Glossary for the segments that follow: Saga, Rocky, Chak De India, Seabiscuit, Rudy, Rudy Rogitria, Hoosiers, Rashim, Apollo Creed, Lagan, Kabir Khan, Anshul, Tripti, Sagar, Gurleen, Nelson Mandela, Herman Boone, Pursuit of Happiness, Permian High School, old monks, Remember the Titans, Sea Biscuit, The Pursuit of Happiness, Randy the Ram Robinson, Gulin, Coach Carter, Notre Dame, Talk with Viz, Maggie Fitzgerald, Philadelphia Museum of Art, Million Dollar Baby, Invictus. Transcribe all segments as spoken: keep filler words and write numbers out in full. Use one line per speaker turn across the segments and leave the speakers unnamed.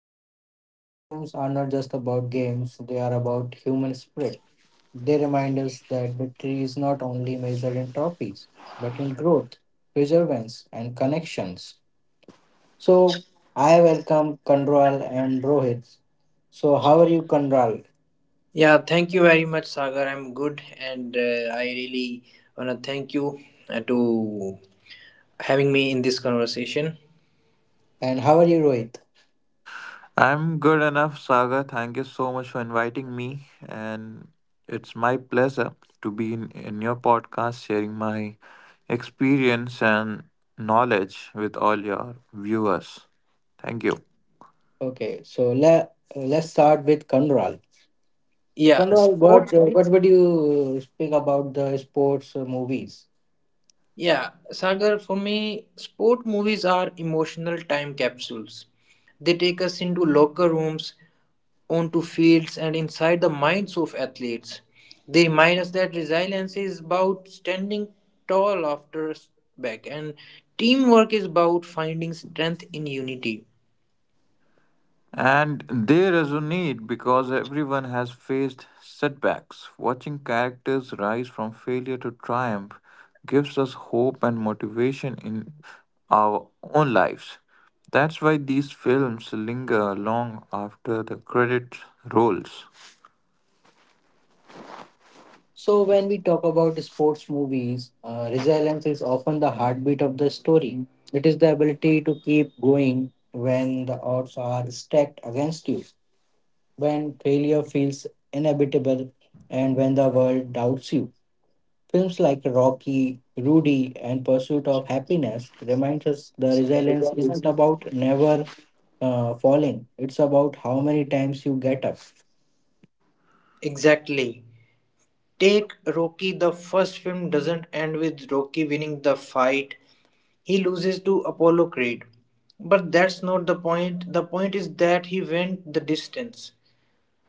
moments. These films are not just about games, they are about human spirit. They remind us that victory is not only measured in trophies, but in growth, perseverance, and connections. So, I welcome Kandral and Rohit. So, how are you, Kandral?
Yeah, thank you very much, Sagar. I'm good, and uh, I really wanna thank you uh, to having me in this conversation.
And how are you, Rohit?
I'm good enough, Saga. Thank you so much for inviting me. And it's my pleasure to be in, in your podcast, sharing my experience and knowledge with all your viewers. Thank you.
Okay, so let let's start with Kanral. So
Yeah,
Kanral,
sports.
what uh, what would you speak about the sports uh, movies?
Yeah, Sagar. For me, sport movies are emotional time capsules. They take us into locker rooms, onto fields, and inside the minds of athletes. They remind us that resilience is about standing tall after a back, and teamwork is about finding strength in unity.
And they resonate because everyone has faced setbacks. Watching characters rise from failure to triumph gives us hope and motivation in our own lives. That's why these films linger long after the credit rolls.
So when we talk about sports movies, uh, resilience is often the heartbeat of the story. It is the ability to keep going when the odds are stacked against you, when failure feels inevitable, and when the world doubts you. Films like Rocky, Rudy, and Pursuit of Happiness remind us the resilience isn't about never uh, falling. It's about how many times you get up.
Exactly. Take Rocky. The first film doesn't end with Rocky winning the fight. He loses to Apollo Creed. But that's not the point. The point is that he went the distance,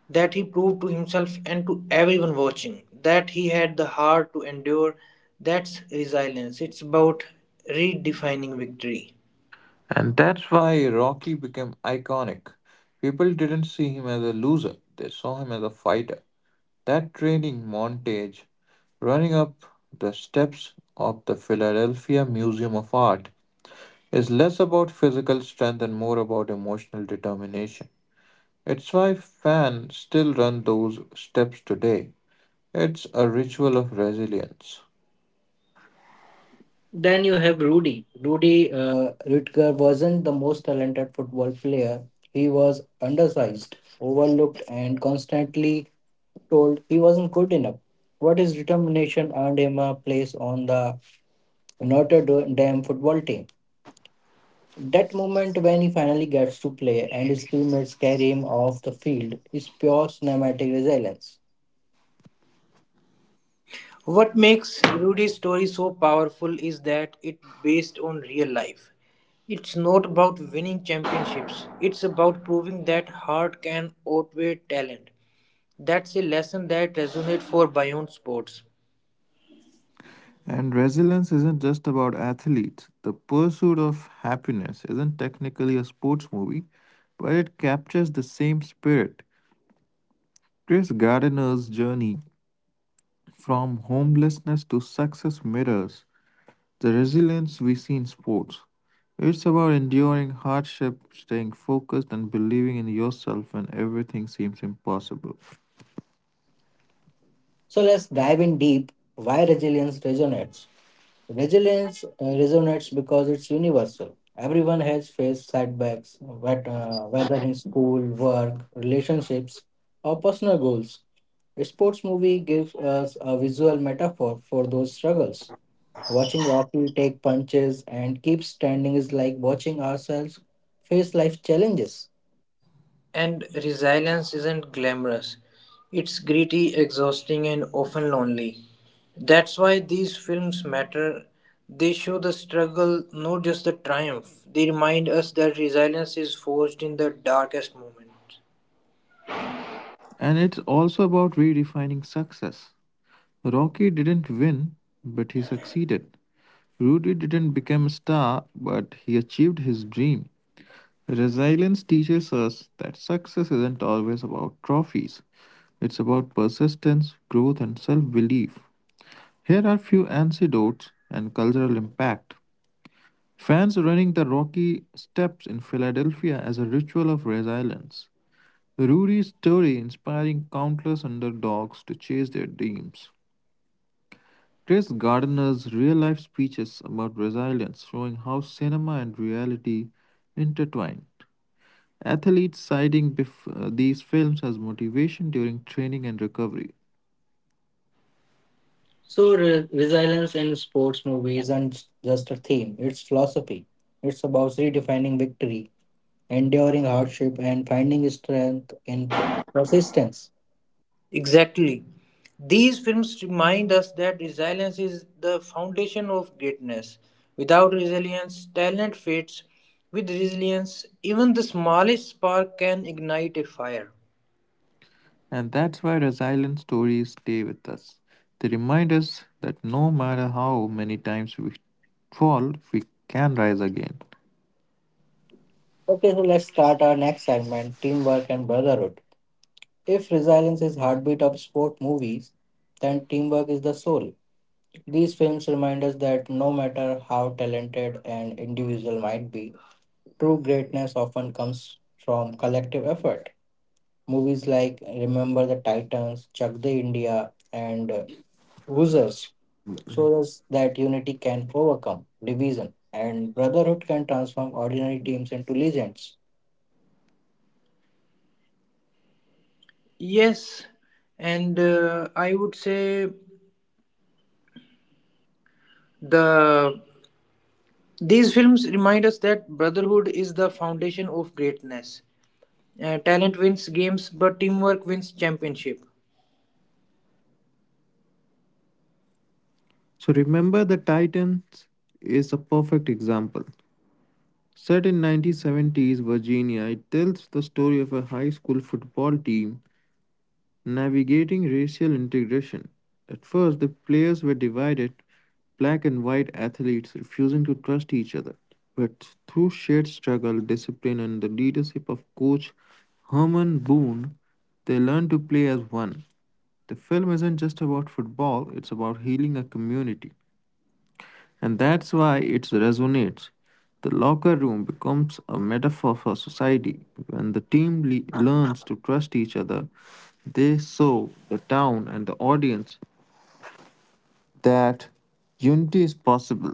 that he proved to himself and to everyone watching that he had the heart to endure. That's resilience. It's about redefining victory.
And that's why Rocky became iconic. People didn't see him as a loser, they saw him as a fighter. That training montage, running up the steps of the Philadelphia Museum of Art, is less about physical strength and more about emotional determination. It's why fans still run those steps today. It's a ritual of resilience.
Then you have Rudy. Rudy uh, Rutger wasn't the most talented football player. He was undersized, overlooked, and constantly told he wasn't good enough. What his determination earned him a place on the Notre Dame football team. That moment when he finally gets to play and his teammates carry him off the field is pure cinematic resilience.
What makes Rudy's story so powerful is that it's based on real life. It's not about winning championships. It's about proving that heart can outweigh talent. That's a lesson that resonates for beyond sports.
And resilience isn't just about athletes. The Pursuit of Happiness isn't technically a sports movie, but it captures the same spirit. Chris Gardiner's journey from homelessness to success mirrors the resilience we see in sports. It's about enduring hardship, staying focused, and believing in yourself when everything seems impossible.
So let's dive in deep why resilience resonates. Resilience uh, resonates because it's universal. Everyone has faced setbacks, whet- uh, whether in school, work, relationships, or personal goals. A sports movie gives us a visual metaphor for those struggles. Watching Rocky take punches and keep standing is like watching ourselves face life challenges.
And resilience isn't glamorous. It's gritty, exhausting, and often lonely. That's why these films matter. They show the struggle, not just the triumph. They remind us that resilience is forged in the darkest moments.
And it's also about redefining success. Rocky didn't win, but he succeeded. Rudy didn't become a star, but he achieved his dream. Resilience teaches us that success isn't always about trophies, it's about persistence, growth, and self belief. Here are few anecdotes and cultural impact. Fans running the Rocky Steps in Philadelphia as a ritual of resilience. Rudy's story inspiring countless underdogs to chase their dreams. Chris Gardner's real life speeches about resilience showing how cinema and reality intertwine. Athletes citing bef- uh, these films as motivation during training and recovery.
So, re- resilience in sports movies isn't just a theme, it's philosophy. It's about redefining victory enduring hardship, and finding strength in persistence.
Exactly. These films remind us that resilience is the foundation of greatness. Without resilience, talent fades. With resilience, even the smallest spark can ignite a fire.
And that's why resilient stories stay with us. They remind us that no matter how many times we fall, we can rise again.
Okay, so let's start our next segment teamwork and brotherhood. If resilience is heartbeat of sport movies, then teamwork is the soul. These films remind us that no matter how talented an individual might be, true greatness often comes from collective effort. Movies like Remember the Titans, Chak De India, and Hoosiers shows us that unity can overcome division and brotherhood can transform ordinary teams into legends.
Yes, and uh, I would say the these films remind us that brotherhood is the foundation of greatness. Uh, talent wins games, but teamwork wins championship.
So remember the Titans is a perfect example. Set in nineteen seventies Virginia, it tells the story of a high school football team navigating racial integration. At first, the players were divided, black and white athletes refusing to trust each other. But through shared struggle, discipline, and the leadership of coach Herman Boone, they learned to play as one. The film isn't just about football, it's about healing a community. And that's why it resonates. The locker room becomes a metaphor for society. When the team le- learns to trust each other, they show the town and the audience that unity is possible.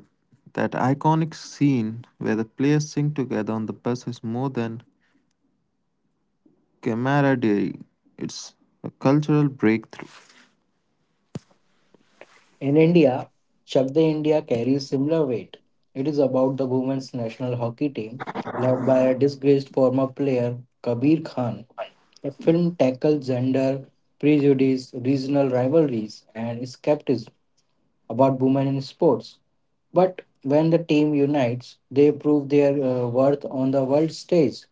That iconic scene where the players sing together on the bus is more than camaraderie, it's a cultural breakthrough.
In India, Shakti India carries similar weight. It is about the women's national hockey team led by a disgraced former player Kabir Khan. The film tackles gender prejudice, regional rivalries, and skepticism about women in sports. But when the team unites, they prove their uh, worth on the world stage.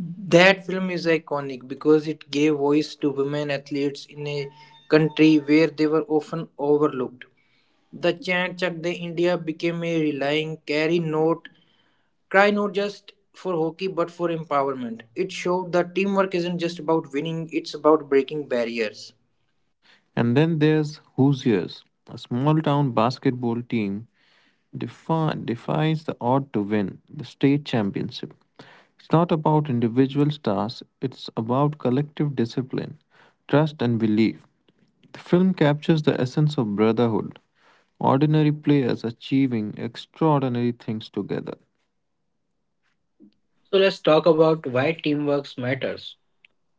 That film is iconic because it gave voice to women athletes in a country where they were often overlooked. The chant Chak De India became a relying carry note, cry not just for hockey but for empowerment. It showed that teamwork isn't just about winning, it's about breaking barriers.
And then there's Hoosiers, a small town basketball team defi- defies the odd to win the state championship. It's not about individual stars, it's about collective discipline, trust, and belief. The film captures the essence of brotherhood ordinary players achieving extraordinary things together.
So let's talk about why teamwork matters.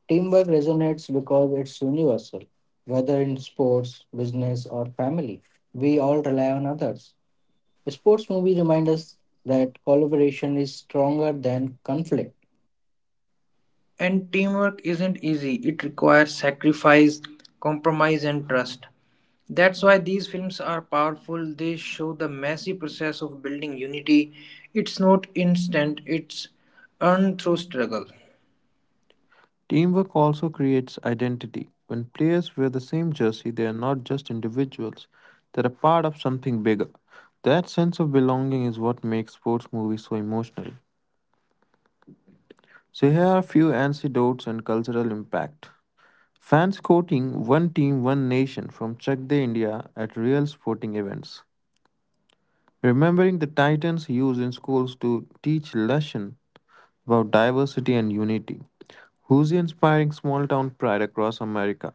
Teamwork resonates because it's universal, whether in sports, business, or family. We all rely on others. A Sports movie remind us that collaboration is stronger than conflict.
And teamwork isn't easy, it requires sacrifice, compromise, and trust. That's why these films are powerful. They show the messy process of building unity. It's not instant, it's earned through struggle.
Teamwork also creates identity. When players wear the same jersey, they are not just individuals, they're a part of something bigger. That sense of belonging is what makes sports movies so emotional. So here are a few anecdotes and cultural impact. Fans quoting One Team, One Nation from Chak De India at real sporting events. Remembering the Titans used in schools to teach lesson about diversity and unity. Who's inspiring small town pride across America?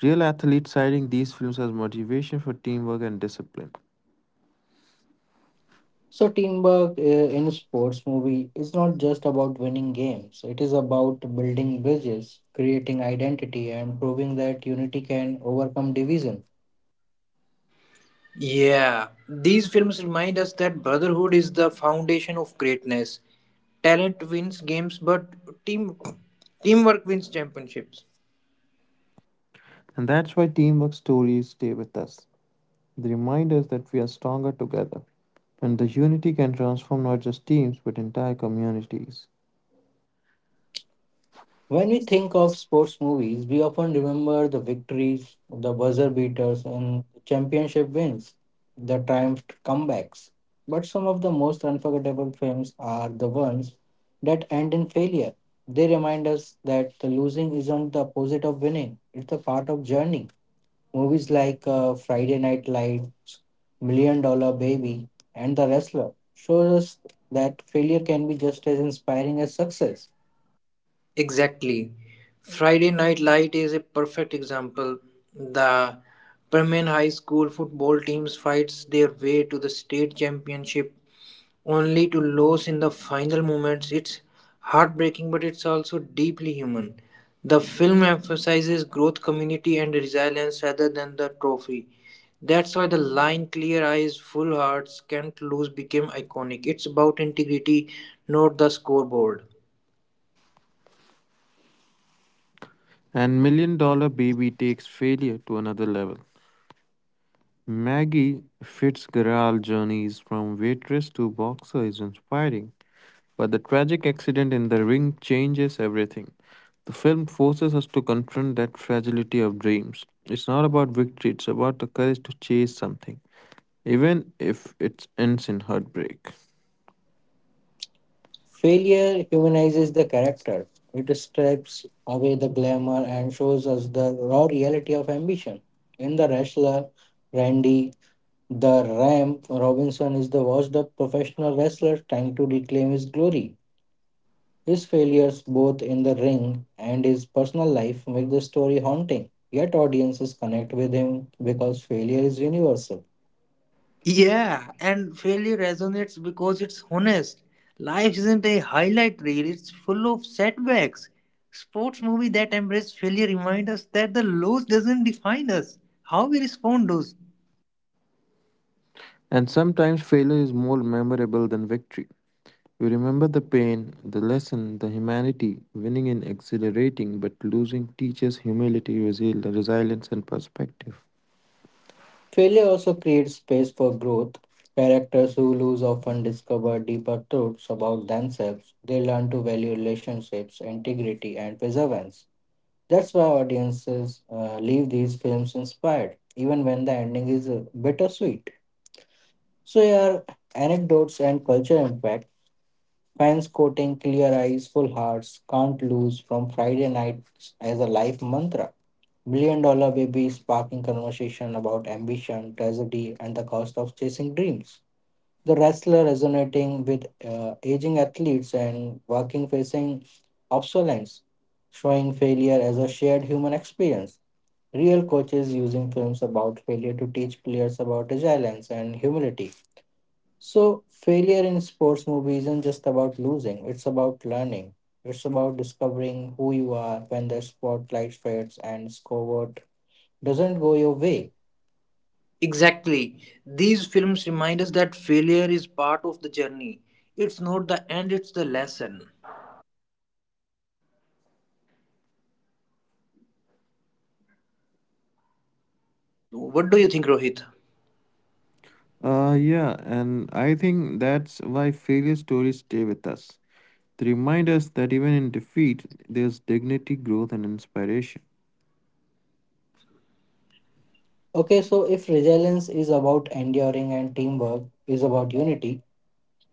Real athletes citing these films as motivation for teamwork and discipline.
So teamwork uh, in sports movie is not just about winning games. It is about building bridges, creating identity, and proving that unity can overcome division.
Yeah, these films remind us that brotherhood is the foundation of greatness. Talent wins games, but team teamwork wins championships.
And that's why teamwork stories stay with us. They remind us that we are stronger together. And the unity can transform not just teams but entire communities.
When we think of sports movies, we often remember the victories, the buzzer beaters, and the championship wins, the triumphed comebacks. But some of the most unforgettable films are the ones that end in failure. They remind us that the losing isn't the opposite of winning; it's a part of journey. Movies like uh, Friday Night Lights, Million Dollar Baby, and The Wrestler shows us that failure can be just as inspiring as success.
Exactly. Friday Night Light is a perfect example. The Permian High School football teams fights their way to the state championship only to lose in the final moments. It's heartbreaking, but it's also deeply human. The film emphasizes growth, community, and resilience rather than the trophy. That's why the line clear eyes, full hearts, can't lose became iconic. It's about integrity, not the scoreboard.
And Million Dollar Baby takes failure to another level. Maggie Fitzgerald's journeys from waitress to boxer is inspiring, but the tragic accident in the ring changes everything. The film forces us to confront that fragility of dreams. It's not about victory, it's about the courage to chase something, even if it ends in heartbreak.
Failure humanizes the character. It strips away the glamour and shows us the raw reality of ambition. In The Wrestler, Randy the Ram Robinson is the washed up professional wrestler trying to reclaim his glory. His failures, both in the ring and his personal life, make the story haunting. Yet audiences connect with him because failure is universal.
Yeah, and failure resonates because it's honest. Life isn't a highlight reel, it's full of setbacks. Sports movie that embrace failure remind us that the loss doesn't define us. How we respond those.
And sometimes failure is more memorable than victory. You remember the pain, the lesson, the humanity, winning in exhilarating, but losing teaches humility, resil- resilience, and perspective.
Failure also creates space for growth. Characters who lose often discover deeper truths about themselves. They learn to value relationships, integrity, and perseverance. That's why audiences uh, leave these films inspired, even when the ending is uh, bittersweet. So, here are anecdotes and culture impact. Fans quoting Clear Eyes, Full Hearts, Can't Lose from Friday Nights as a life mantra. Million Dollar Baby is sparking conversation about ambition, tragedy, and the cost of chasing dreams. The wrestler resonating with uh, aging athletes and working facing obsolescence, showing failure as a shared human experience. Real coaches using films about failure to teach players about resilience and humility. So, failure in sports movies isn't just about losing, it's about learning. It's about discovering who you are when the spotlight fades and discover doesn't go your way.
Exactly. These films remind us that failure is part of the journey. It's not the end, it's the lesson. So what do you think, Rohit?
Uh, yeah, and I think that's why failure stories stay with us. They remind us that even in defeat, there's dignity, growth, and inspiration.
Okay, so if resilience is about enduring and teamwork is about unity,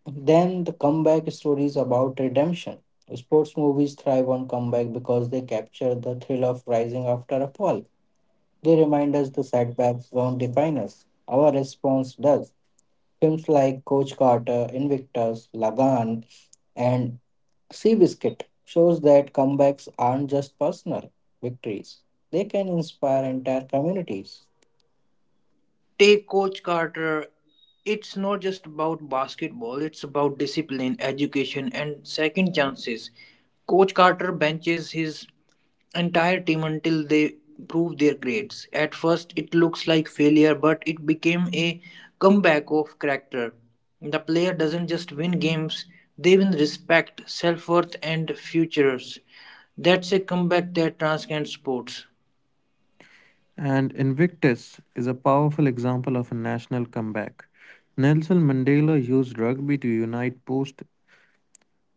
then the comeback story is about redemption. Sports movies thrive on comeback because they capture the thrill of rising after a fall. They remind us the setbacks don't define us, our response does. Films like Coach Carter, Invictus, Lagan, and Seabiscuit shows that comebacks aren't just personal victories, they can inspire entire communities.
Take Coach Carter. It's not just about basketball, it's about discipline, education, and second chances. Coach Carter benches his entire team until they prove their grades. At first, it looks like failure, but it became a comeback of character. The player doesn't just win games, they win respect, self worth, and futures. That's a comeback that transcends sports.
And Invictus is a powerful example of a national comeback. Nelson Mandela used rugby to unite post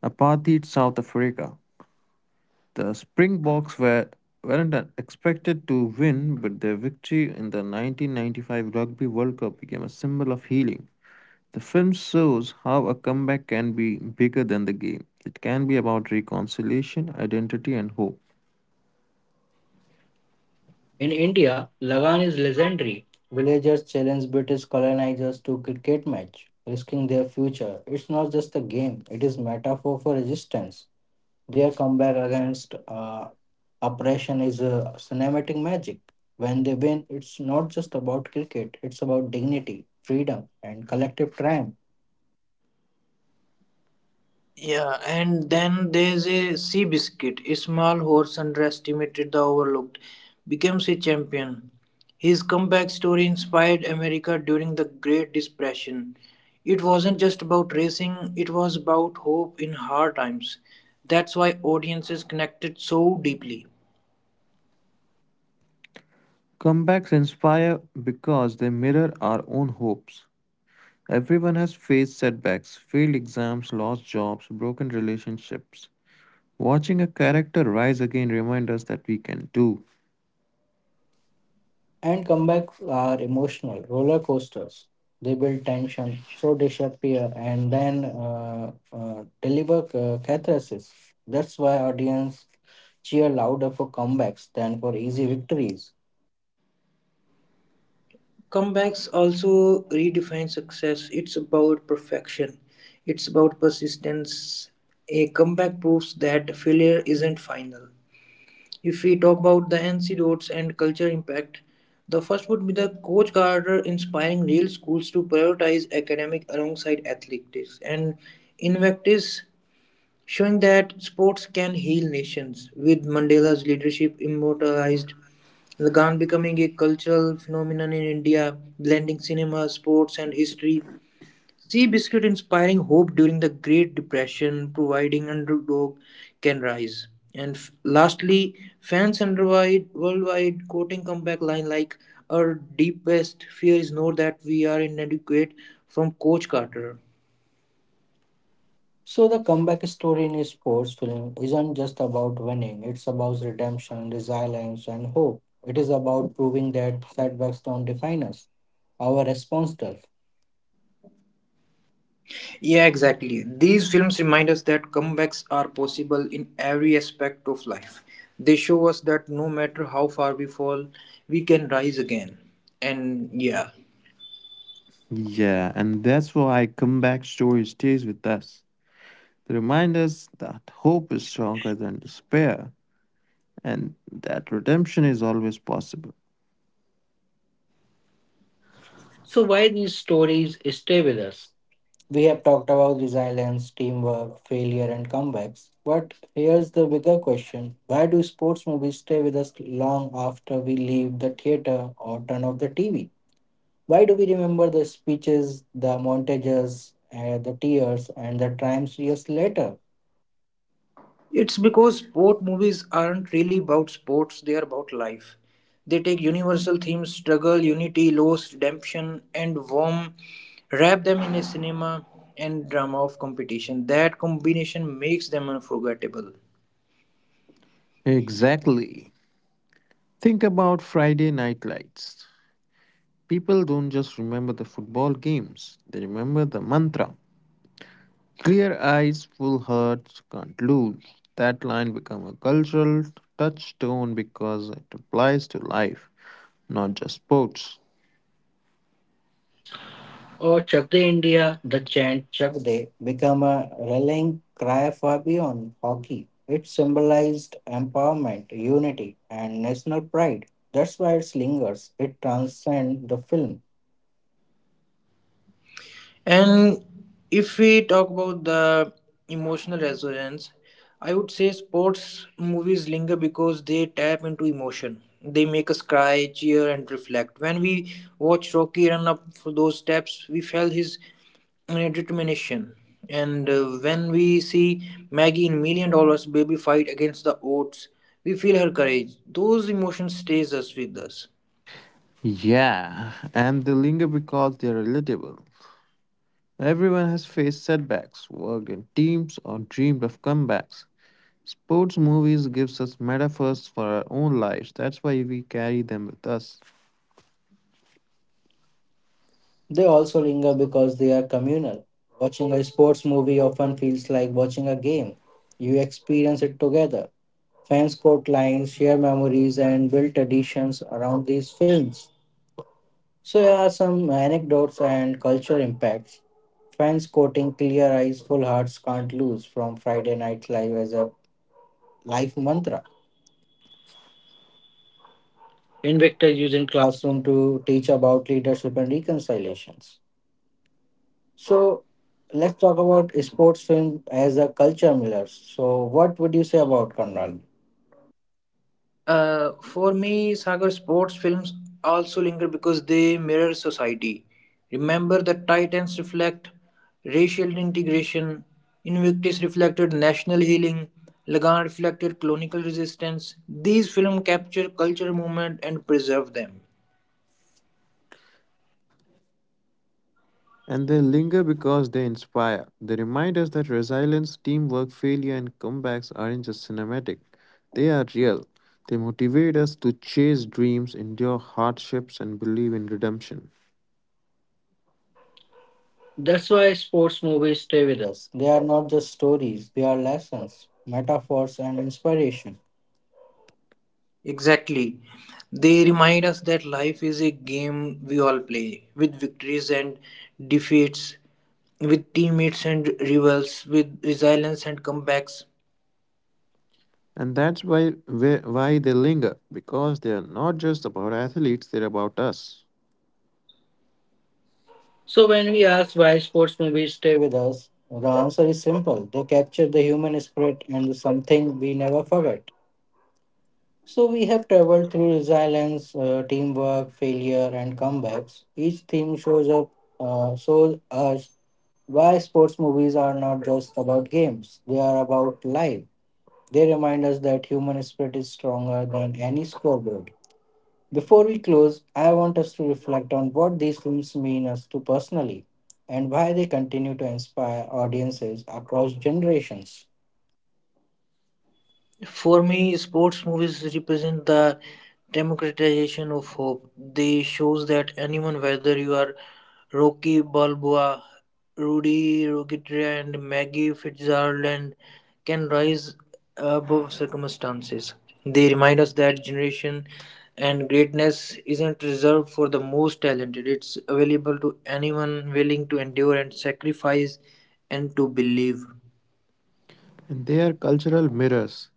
apartheid South Africa. The Springboks were weren't expected to win, but their victory in the nineteen ninety-five Rugby World Cup became a symbol of healing. The film shows how a comeback can be bigger than the game. It can be about reconciliation, identity, and hope.
In India, Lagan is legendary. Villagers challenge British colonizers to cricket match, risking their future. It's not just a game, it is metaphor for resistance. Their comeback against uh, oppression is uh, cinematic magic. When they win, it's not just about cricket, it's about dignity, freedom, and collective triumph.
Yeah, and then there's a sea biscuit. A small horse underestimated the overlooked, becomes a champion. His comeback story inspired America during the Great Depression. It wasn't just about racing, it was about hope in hard times. That's why audiences connected so deeply.
Comebacks inspire because they mirror our own hopes. Everyone has faced setbacks, failed exams, lost jobs, broken relationships. Watching a character rise again reminds us that we can do.
And comebacks are emotional roller coasters. They build tension, so disappear, and then uh, uh, deliver c- catharsis. That's why audience cheer louder for comebacks than for easy victories.
Comebacks also redefine success. It's about perfection, it's about persistence. A comeback proves that failure isn't final. If we talk about the antidotes and culture impact, the first would be the Coach Carter inspiring real schools to prioritize academic alongside athletics and Invictus showing that sports can heal nations with Mandela's leadership immortalized. Lagan becoming a cultural phenomenon in India, blending cinema, sports, and history. Sea Biscuit inspiring hope during the Great Depression, providing underdog can rise. And f- lastly, fans worldwide, worldwide quoting comeback line like our deepest fear is not that we are inadequate from Coach Carter.
So the comeback story in a sports film isn't just about winning. It's about redemption, resilience, and hope. It is about proving that setbacks don't define us. Our response does.
Yeah, exactly. These films remind us that comebacks are possible in every aspect of life. They show us that no matter how far we fall, we can rise again. And yeah,
Yeah, and that's why comeback story stays with us. They remind us that hope is stronger than despair and that redemption is always possible.
So why these stories stay with us? We have talked about resilience, teamwork, failure, and comebacks. But here's the bigger question Why do sports movies stay with us long after we leave the theater or turn off the T V? Why do we remember the speeches, the montages, uh, the tears, and the triumphs years later?
it's because sport movies aren't really about sports, they are about life. They take universal themes, struggle, unity, loss, redemption, and warm, wrap them in a cinema and drama of competition. That combination makes them unforgettable.
Exactly. Think about Friday night lights. People don't just remember the football games, they remember the mantra. Clear eyes, full hearts, can't lose. That line become a cultural touchstone because it applies to life, not just sports.
Or Chak De India, the chant Chak De became a rallying cry far beyond hockey. It symbolized empowerment, unity, and national pride. That's why it lingers. It transcends the film.
And if we talk about the emotional resonance, I would say sports movies linger because they tap into emotion. They make us cry, cheer, and reflect. When we watched Rocky run up for those steps, we felt his uh, determination. And uh, When we see Maggie in Million Dollars Baby fight against the odds, we feel her courage. Those emotions stays us with us.
Yeah, and they linger because they're relatable. Everyone has faced setbacks, worked in teams, or dreamed of comebacks. Sports movies gives us metaphors for our own lives. That's why we carry them with us.
They also linger because they are communal. Watching a sports movie often feels like watching a game. You experience it together. Fans quote lines, share memories, and build traditions around these films. So, here are some anecdotes and culture impacts. Fans quoting clear eyes, full hearts can't lose from Friday Night Live as a life mantra. Invictus using classroom to teach about leadership and reconciliations. So let's talk about sports film as a culture miller. So what would you say about Conrad?
Uh, for me, Sagar sports films also linger because they mirror society. Remember, the Titans reflect racial integration, Invictus reflected national healing, Lagan reflected colonial resistance. These films capture cultural movement and preserve them.
And they linger because they inspire. They remind us that resilience, teamwork, failure, and comebacks aren't just cinematic. They are real. They motivate us to chase dreams, endure hardships, and believe in redemption.
That's why sports movies stay with us. They are not just stories, they are lessons, metaphors and inspiration.
Exactly. They remind us that life is a game we all play, with victories and defeats, with teammates and rivals, with resilience and comebacks.
And that's why wh- why they linger because they are not just about athletes, they're about us.
So, when we ask why sports movies stay with us, the answer is simple they capture the human spirit and something we never forget. So, we have traveled through resilience, uh, teamwork, failure, and comebacks. Each theme shows up, uh, shows us why sports movies are not just about games, they are about life. They remind us that human spirit is stronger than any scoreboard. Before we close, I want us to reflect on what these films mean us to personally and why they continue to inspire audiences across generations.
For me, sports movies represent the democratization of hope. They shows that anyone, whether you are Rocky Balboa, Rudy Rogitria, and Maggie Fitzgerald, can rise above circumstances. They remind us that generation and greatness isn't reserved for the most talented. It's available to anyone willing to endure and sacrifice and to believe.
And they are cultural mirrors.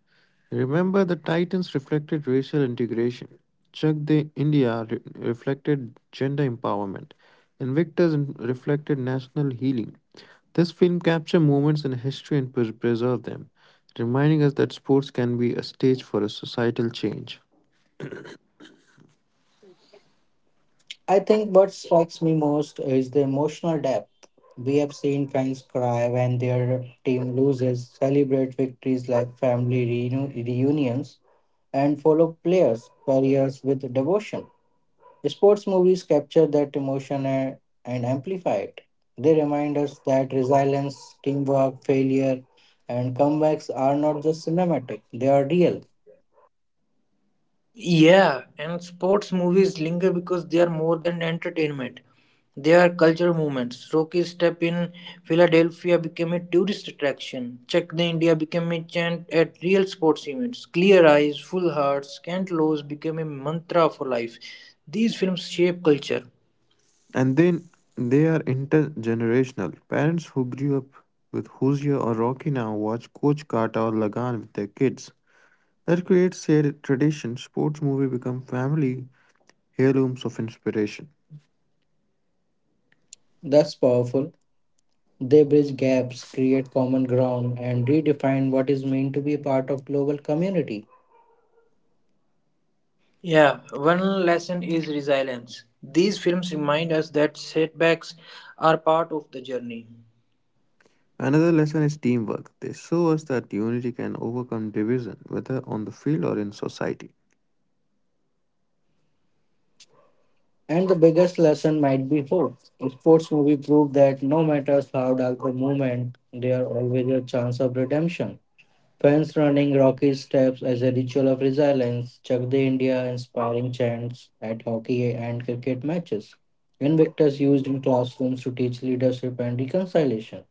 Remember the Titans reflected racial integration. Chuck the India re- reflected gender empowerment. Invictus in- reflected national healing. This film captures moments in history and preserves them, reminding us that sports can be a stage for a societal change.
I think what strikes me most is the emotional depth. We have seen fans cry when their team loses, celebrate victories like family reu- reunions, and follow players' careers with devotion. Sports movies capture that emotion and, and amplify it. They remind us that resilience, teamwork, failure, and comebacks are not just cinematic, they are real.
Yeah, and sports movies linger because they are more than entertainment. They are cultural movements. Rocky Step in Philadelphia became a tourist attraction. Check the India became a chant at real sports events. Clear Eyes, Full Hearts, Kent Lows became a mantra for life. These films shape culture.
And then they are intergenerational. Parents who grew up with Hoosier or Rocky now watch Coach Carter or Lagan with their kids. That creates shared tradition. Sports movies become family heirlooms of inspiration.
That's powerful. They bridge gaps, create common ground, and redefine what is meant to be a part of global community.
Yeah, one lesson is resilience. These films remind us that setbacks are part of the journey.
Another lesson is teamwork. They show us that unity can overcome division, whether on the field or in society.
And the biggest lesson might be hope. Sports movie prove that no matter how dark the moment, there are always a chance of redemption. Fans running rocky steps as a ritual of resilience, Chak De India inspiring chants at hockey and cricket matches, invictus used in classrooms to teach leadership and reconciliation,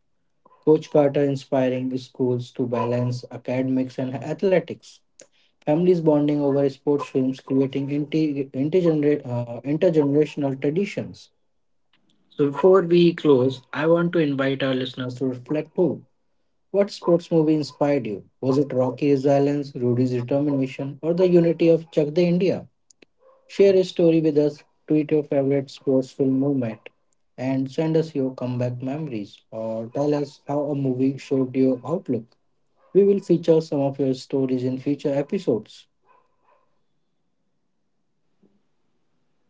Coach Carter inspiring schools to balance academics and athletics, families bonding over sports films creating inti- intergener- uh, intergenerational traditions. So before we close, I want to invite our listeners to reflect too. What sports movie inspired you? Was it Rocky's Resilience, Rudy's Determination, or the unity of Chak De India? Share a story with us, tweet your favorite sports film moment, and send us your comeback memories, or tell us how a movie showed your outlook. We will feature some of your stories in future episodes.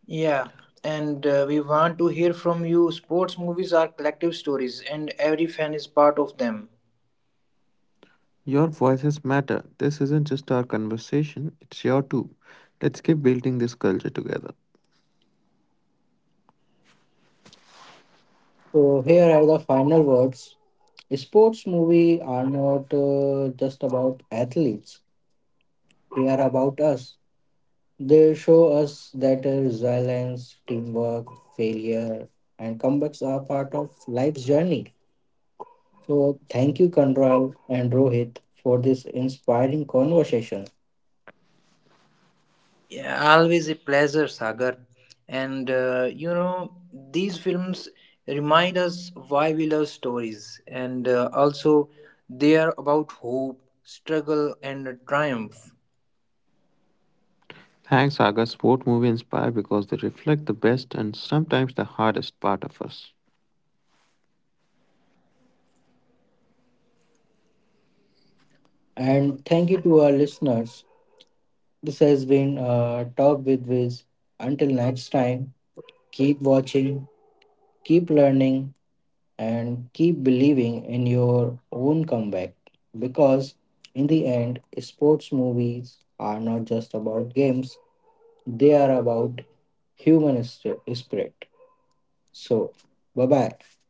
Yeah, and uh, we want to hear from you. Sports movies are collective stories, and every fan is part of them.
Your voices matter. This isn't just our conversation, it's your too. Let's keep building this culture together.
So, here are the final words. Sports movies are not uh, just about athletes, they are about us. They show us that uh, resilience, teamwork, failure, and comebacks are part of life's journey. So, thank you, Kanral and Rohit, for this inspiring conversation.
Yeah, always a pleasure, Sagar. And uh, you know, these films remind us why we love stories, and uh, also they are about hope, struggle, and triumph.
Thanks, Aga. Sport movie inspire because they reflect the best and sometimes the hardest part of us.
And thank you to our listeners. This has been uh, Talk with Viz. Until next time, keep watching, keep learning, and keep believing in your own comeback. Because in the end, sports movies are not just about games, they are about human spirit. So, bye bye.